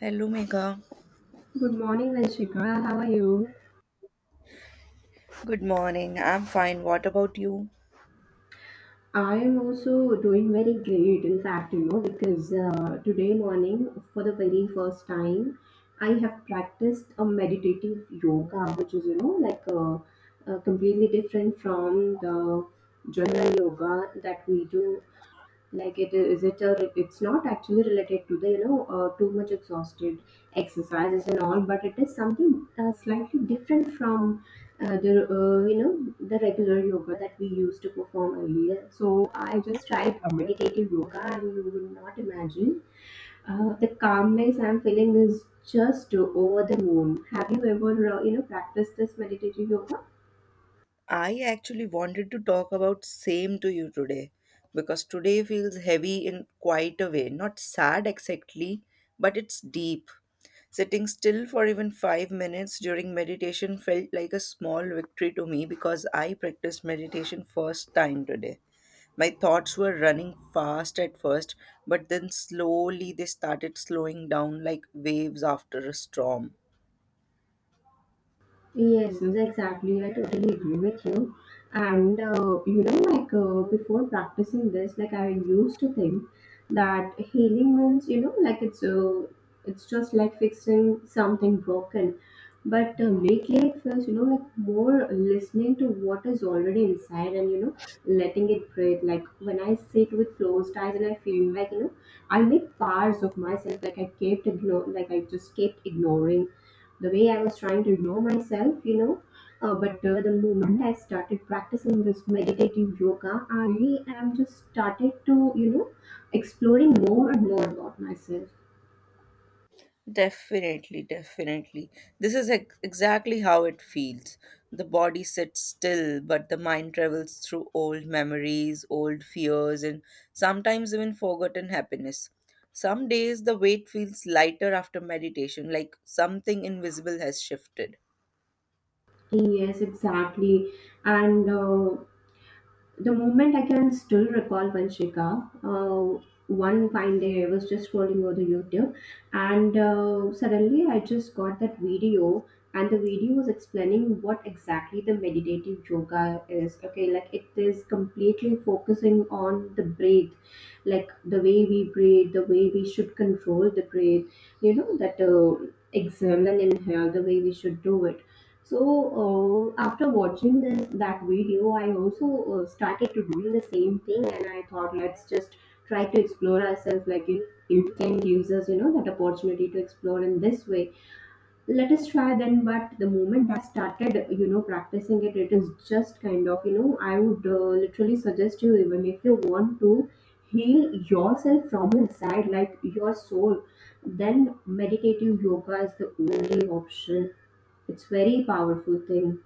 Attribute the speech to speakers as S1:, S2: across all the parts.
S1: Hello, Megha.
S2: Good morning, Anshika. How are you?
S1: Good morning. I'm fine. What about you?
S2: I am also doing very great, in fact, because today morning, for the very first time, I have practiced a meditative yoga, which is, completely different from the general yoga that we do like it is it a, it's not actually related to the too much exhausted exercises and all, but it is something slightly different from the you know the regular yoga that we used to perform earlier. So I just tried a meditative yoga and you will not imagine the calmness I'm feeling is just over the moon. Have you ever practiced this meditative yoga?
S1: I actually wanted to talk about same to you today because today feels heavy in quite a way. Not sad exactly, but it's deep. Sitting still for even 5 minutes during meditation felt like a small victory to me because I practiced meditation first time today. My thoughts were running fast at first, but then slowly they started slowing down like waves after a storm.
S2: Yes, yes, exactly. I totally agree with you. And before practicing this, like I used to think that healing means, it's just like fixing something broken. But lately, it feels, like more listening to what is already inside, and letting it breathe. Like when I sit with closed eyes and I feel like I made parts of myself like I just kept ignoring the way I was trying to ignore myself. But the moment I started practicing this meditative yoga, I really am just started to exploring more and more about myself.
S1: Definitely, definitely. This is exactly how it feels. The body sits still, but the mind travels through old memories, old fears, and sometimes even forgotten happiness. Some days the weight feels lighter after meditation, like something invisible has shifted.
S2: Yes, exactly, and. The moment I can still recall, Vanshika. One fine day I was just scrolling over the YouTube and suddenly I just got that video, and the video was explaining what exactly the meditative yoga is. Okay, like it is completely focusing on the breath, like the way we breathe, the way we should control the breath, you know, that exhale and inhale, the way we should do it. So after watching that video, I also started to doing the same thing, and I thought let's just try to explore ourselves. It can gives us that opportunity to explore in this way. Let us try then. But the moment I started practicing it, it is just kind of, I would literally suggest you, even if you want to heal yourself from inside like your soul, then meditative yoga is the only option. It's very powerful thing.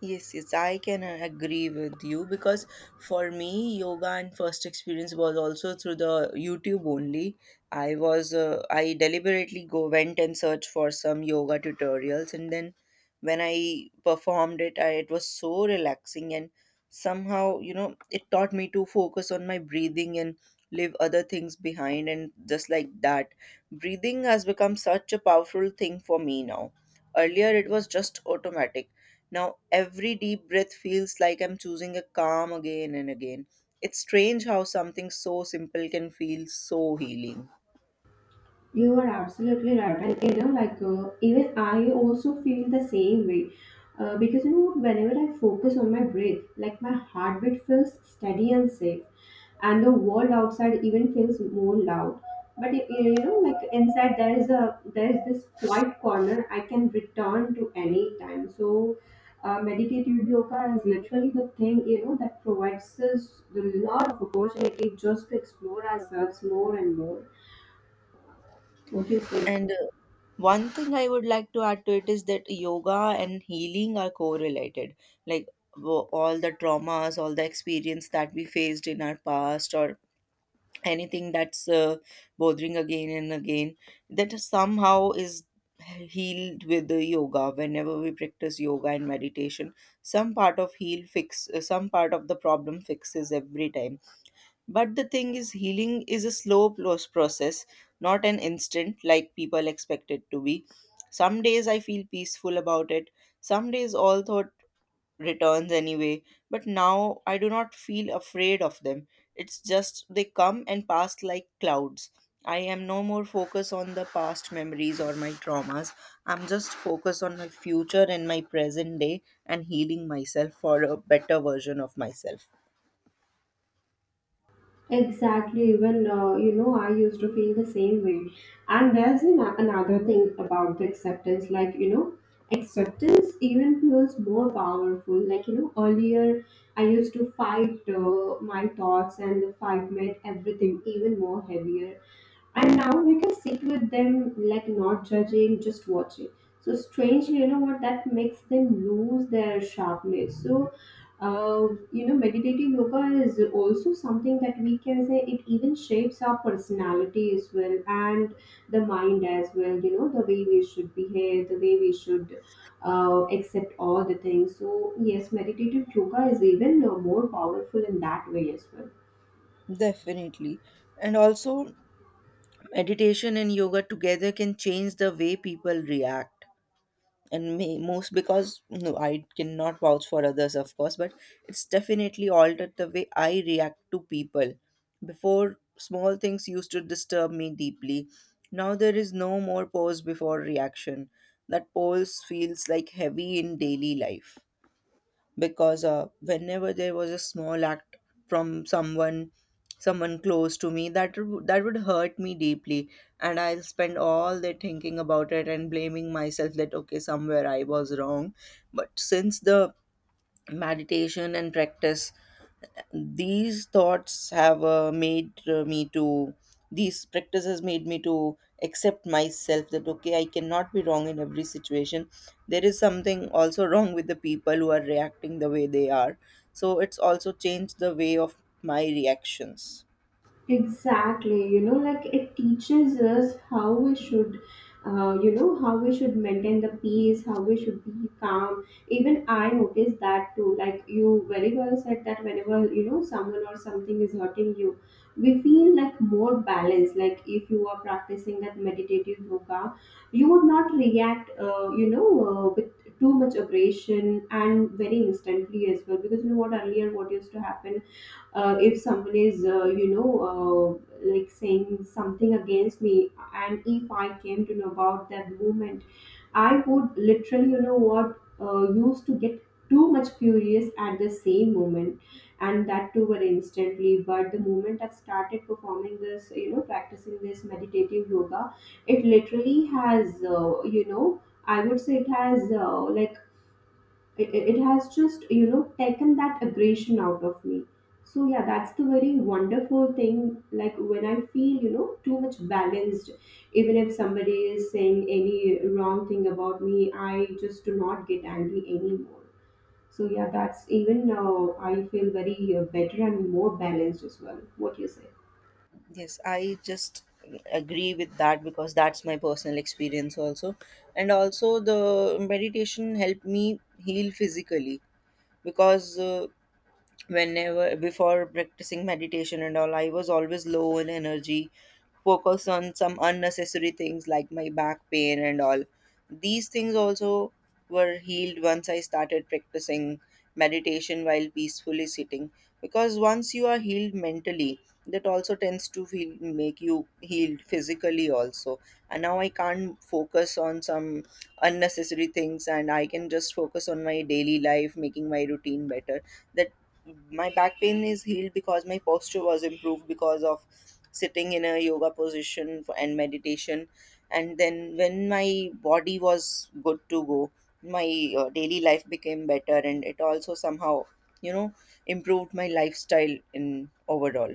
S1: Yes, yes, I can agree with you because for me, yoga and first experience was also through the YouTube only. I deliberately go went and searched for some yoga tutorials, and then when I performed it, it was so relaxing and somehow, you know, it taught me to focus on my breathing and leave other things behind, and just like that, breathing has become such a powerful thing for me now. Earlier, it was just automatic. Now, every deep breath feels like I'm choosing a calm again and again. It's strange how something so simple can feel so healing.
S2: You are absolutely right, and even I also feel the same way, because whenever I focus on my breath, like my heartbeat feels steady and safe, and the world outside even feels more loud. But like inside, there is this quiet corner I can return to any time. So, meditative yoga is literally the thing that provides us a lot of opportunity just to explore ourselves more and more. What do you say?
S1: And One thing I would like to add to it is that yoga and healing are correlated. Like, all the traumas, all the experience that we faced in our past, or anything that's bothering again and again, that somehow is healed with the yoga. Whenever we practice yoga and meditation, some part of the problem fixes every time. But the thing is, healing is a slow process, not an instant like people expect it to be. Some days I feel peaceful about it, some days all thought returns anyway, but now I do not feel afraid of them. It's just they come and pass like clouds. I am no more focused on the past memories or my traumas. I'm just focused on my future and my present day and healing myself for a better version of myself.
S2: Exactly, even I used to feel the same way. And another thing about the acceptance, acceptance even feels more powerful. Earlier I used to fight my thoughts, and the fight made everything even more heavier. And now we can sit with them, like not judging, just watching. So strangely, you know what that makes them lose their sharpness. So meditative yoga is also something that we can say it even shapes our personality as well, and the mind as well. The way we should behave, the way we should accept all the things. So yes, meditative yoga is even more powerful in that way as well.
S1: Definitely. And also, meditation and yoga together can change the way people react. Most, because, no, I cannot vouch for others, of course, but it's definitely altered the way I react to people. Before, small things used to disturb me deeply. Now there is no more pause before reaction. That pause feels like heavy in daily life, because whenever there was a small act from someone, someone close to me, that that would hurt me deeply, and I'll spend all day thinking about it and blaming myself that okay, somewhere I was wrong. But since the meditation and practice, these thoughts have uh, made uh, me to these practices made me to accept myself that okay, I cannot be wrong in every situation. There is something also wrong with the people who are reacting the way they are. So it's also changed the way of my reactions.
S2: Exactly, like it teaches us how we should, how we should maintain the peace, how we should be calm. Even I noticed that too. Like you very well said that whenever, someone or something is hurting you, we feel like more balanced. Like if you are practicing that meditative yoga, you would not react, with too much aggression and very instantly as well. Because you know what, earlier what used to happen, if someone is like saying something against me, and if I came to know about that movement, I would literally, you know what used to get too much furious at the same moment, and that too very instantly. But the moment I've started performing this, practicing this meditative yoga, it literally has, I would say it has like, it has just taken that aggression out of me. So yeah, that's the very wonderful thing. Like when I feel too much balanced, even if somebody is saying any wrong thing about me, I just do not get angry anymore. So yeah, that's even now I feel very better and more balanced as well. What do you say?
S1: Yes, I just agree with that because that's my personal experience also. And also, the meditation helped me heal physically, because whenever before practicing meditation and all, I was always low in energy, focus on some unnecessary things like my back pain and all. These things also were healed once I started practicing meditation while peacefully sitting, because once you are healed mentally, that also tends to make you healed physically also. And now I can't focus on some unnecessary things, and I can just focus on my daily life, making my routine better. That my back pain is healed because my posture was improved because of sitting in a yoga position for, and meditation. And then when my body was good to go, my daily life became better, and it also somehow, you know, improved my lifestyle in overall.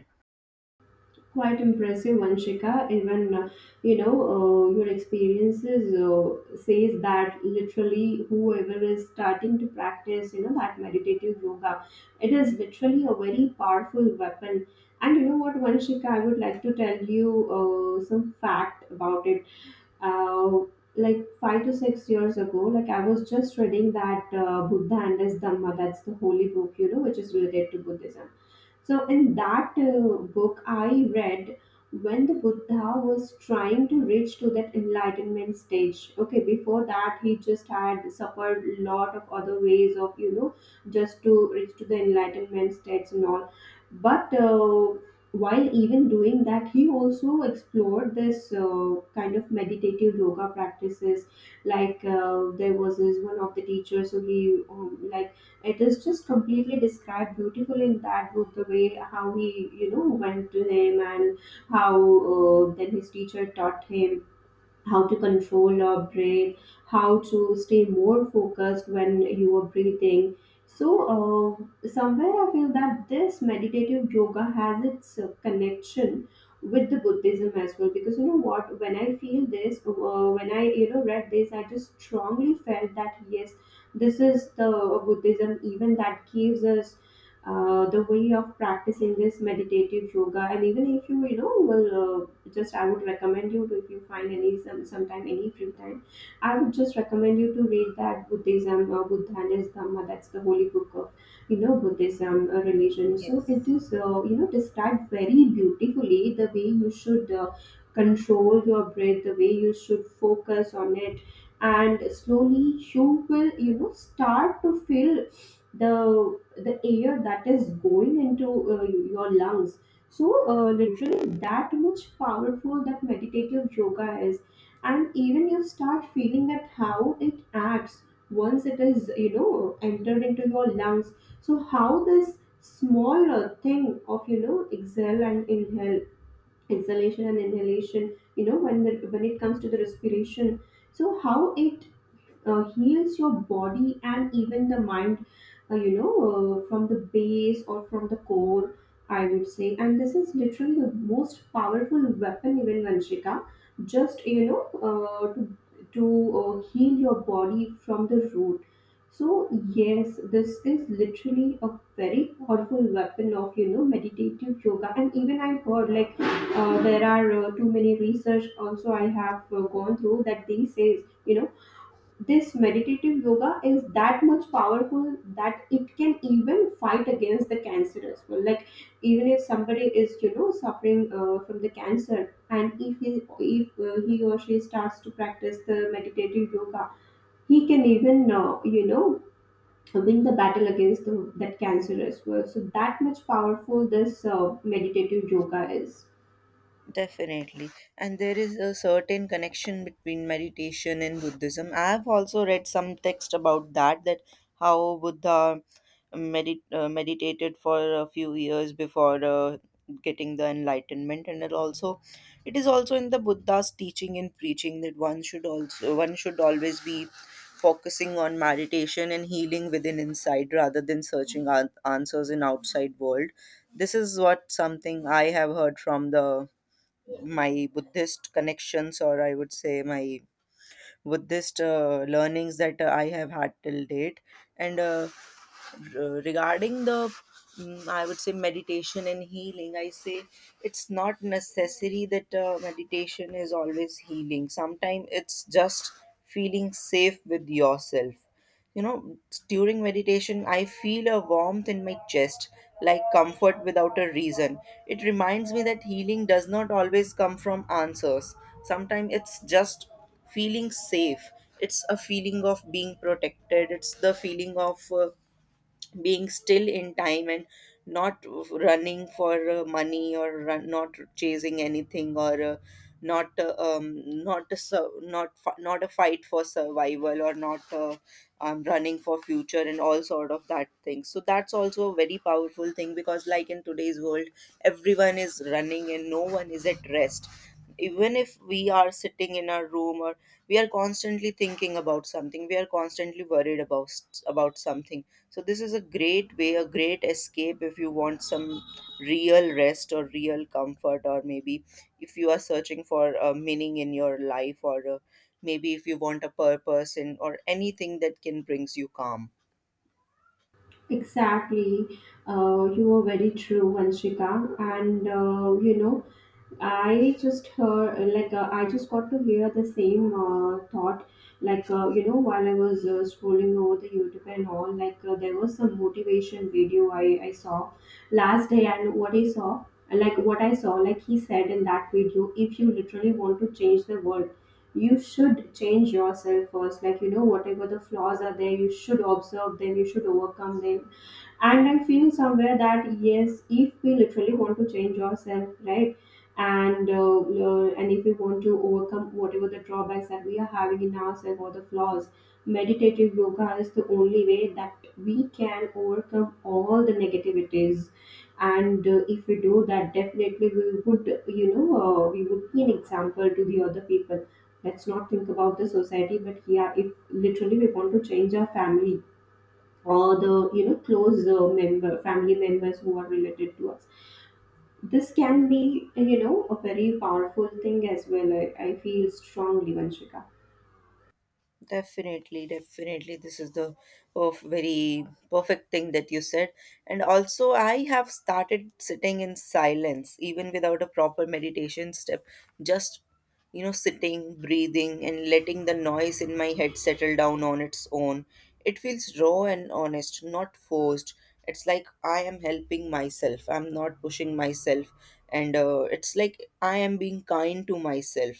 S2: Quite impressive, Vanshika. Even your experiences says that literally whoever is starting to practice, that meditative yoga, it is literally a very powerful weapon. And you know what, Vanshika, I would like to tell you some fact about it. Uh, like 5 to 6 years ago, like I was just reading that Buddha and his Dhamma, that's the holy book, which is related to Buddhism. So, in that book, I read when the Buddha was trying to reach to that enlightenment stage. Okay, before that, he just had suffered a lot of other ways of, just to reach to the enlightenment states and all. But while even doing that, he also explored this kind of meditative yoga practices. Like there was this one of the teachers who he like, it is just completely described beautifully in that book, the way how he, went to him and how then his teacher taught him how to control your breath, how to stay more focused when you are breathing. So, somewhere I feel that this meditative yoga has its connection with the Buddhism as well. Because you know what, when I feel this, when I read this, I just strongly felt that yes, this is the Buddhism even that gives us the way of practicing this meditative yoga. And even if you you know will just, I would recommend you to, if you find any, some sometime any free time, I would just recommend you to read that Buddhism, Buddhan is Dhamma, that's the holy book of, Buddhism religion. So it
S1: Yes.
S2: is, described very beautifully the way you should control your breath, the way you should focus on it. And slowly you will start to feel the air that is going into your lungs. So literally that much powerful that meditative yoga is. And even you start feeling that how it acts once it is entered into your lungs. So how this small thing of, exhale and inhale, exhalation and inhalation, when when it comes to the respiration, so how it heals your body and even the mind, uh, you know from the base or from the core, I would say. And this is literally the most powerful weapon, even Vanshika, just to heal your body from the root. So yes, this is literally a very powerful weapon of, meditative yoga. And even I heard like there are too many research also I have gone through that they says, this meditative yoga is that much powerful that it can even fight against the cancer as well. Like even if somebody is suffering from the cancer, and if he or she starts to practice the meditative yoga, he can even win the battle against that cancer as well. So that much powerful this meditative yoga is.
S1: Definitely. And there is a certain connection between meditation and Buddhism. I have also read some text about that, that how Buddha meditated for a few years before getting the enlightenment. And it also, it is also in the Buddha's teaching and preaching that one should always be focusing on meditation and healing within inside rather than searching answers in outside world. This is what something I have heard from the my Buddhist connections, or I would say my Buddhist learnings that I have had till date. And r- regarding the, I would say, meditation and healing, I say it's not necessary that meditation is always healing. Sometimes it's just feeling safe with yourself, you know. During meditation I feel a warmth in my chest, like comfort without a reason. It reminds me that healing does not always come from answers. Sometimes it's just feeling safe. It's a feeling of being protected. It's the feeling of being still in time, and not running for money, or not chasing anything, or not not a sur- not fi- not a fight for survival, or not running for future and all sort of that thing. So that's also a very powerful thing, because like in today's world, everyone is running and no one is at rest. Even if we are sitting in our room, or we are constantly thinking about something, we are constantly worried about something. So this is a great way, a great escape if you want some real rest or real comfort, or maybe if you are searching for a meaning in your life, or maybe if you want a purpose in or anything that can brings you calm.
S2: Exactly. You were very true, Vanshika. And I just heard like I just got to hear the same thought. Like while I was scrolling over the YouTube and all, like there was some motivation video I saw last day. And what I saw, like he said in that video, if you literally want to change the world, you should change yourself first. Like you know, whatever the flaws are there, you should observe them, you should overcome them. And I'm feeling somewhere that yes, if we literally want to change ourselves, right, and if we want to overcome whatever the drawbacks that we are having in ourselves or the flaws, meditative yoga is the only way that we can overcome all the negativities. And if we do that, definitely we would, we would be an example to the other people. Let's not think about the society, but yeah, if literally we want to change our family or the, close member, family members who are related to us, this can be a very powerful thing as well, I feel strongly, Vanshika.
S1: Definitely, definitely. This is the of very perfect thing that you said. And also, I have started sitting in silence, even without a proper meditation step. Just, you know, sitting, breathing, and letting the noise in my head settle down on its own. It feels raw and honest, not forced. It's like I am helping myself. I'm not pushing myself. And It's like I am being kind to myself.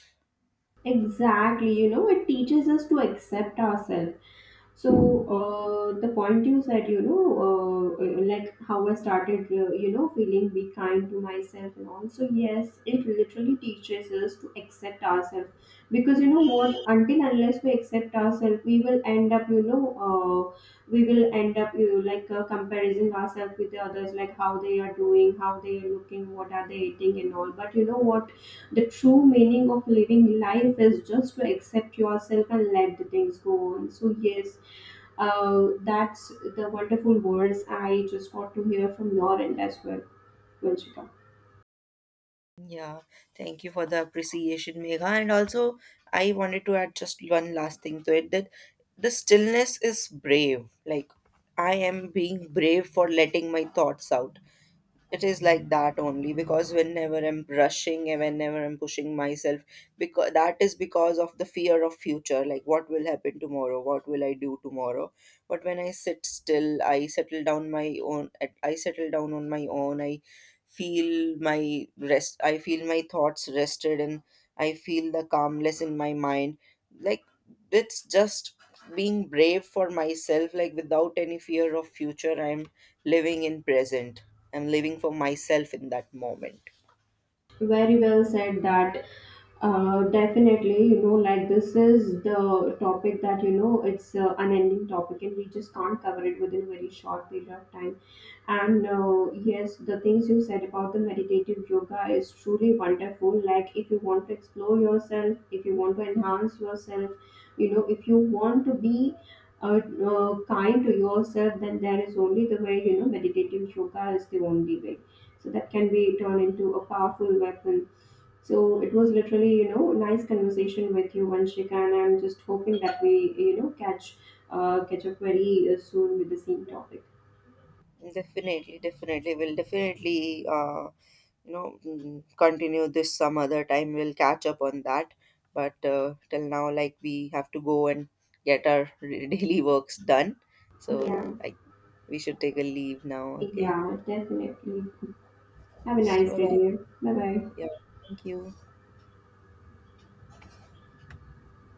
S2: Exactly, it teaches us to accept ourselves. So the point you said, like how I started, feeling be kind to myself and all. So yes, it literally teaches us to accept ourselves, because you know what? Until unless we accept ourselves, we will end up, we will end up, comparing ourselves with the others, like how they are doing, how they are looking, what are they eating, and all. But you know what? The true meaning of living life is just to accept yourself and let the things go on. So, yes, that's the wonderful words I just want to hear from your end as well, Vanshika.
S1: Yeah, thank you for the appreciation, Megha. And also, I wanted to add just one last thing to it, that the stillness is brave. Like, I am being brave for letting my thoughts out. It is like that only because whenever I'm rushing and whenever I'm pushing myself, because that is because of the fear of future. Like, what will happen tomorrow? What will I do tomorrow? But when I sit still, I settle down my own. I settle down on my own. I feel my rest, I feel my thoughts rested, and I feel the calmness in my mind. Like, it's just being brave for myself, like without any fear of future. I'm living in present, I'm living for myself in that moment.
S2: Very well said that. Definitely, like this is the topic that, it's an unending topic and we just can't cover it within a very short period of time. And yes, the things you said about the meditative yoga is truly wonderful. Like, if you want to explore yourself, if you want to enhance yourself, if you want to be uh, kind to yourself, then there is only the way, meditative yoga is the only way. So, that can be turned into a powerful weapon. So, it was literally, nice conversation with you, Vanshika, and I'm just hoping that we, catch up very soon with the same topic.
S1: Definitely, definitely, we'll definitely you know mm, continue this some other time. We'll catch up on that. But till now, like we have to go and get our daily works done. So
S2: Yeah.
S1: I We should take a leave now. Okay.
S2: Yeah, definitely. Have a
S1: So,
S2: nice
S1: bye
S2: day,
S1: bye.
S2: dear. Bye bye.
S1: Yeah. Thank you.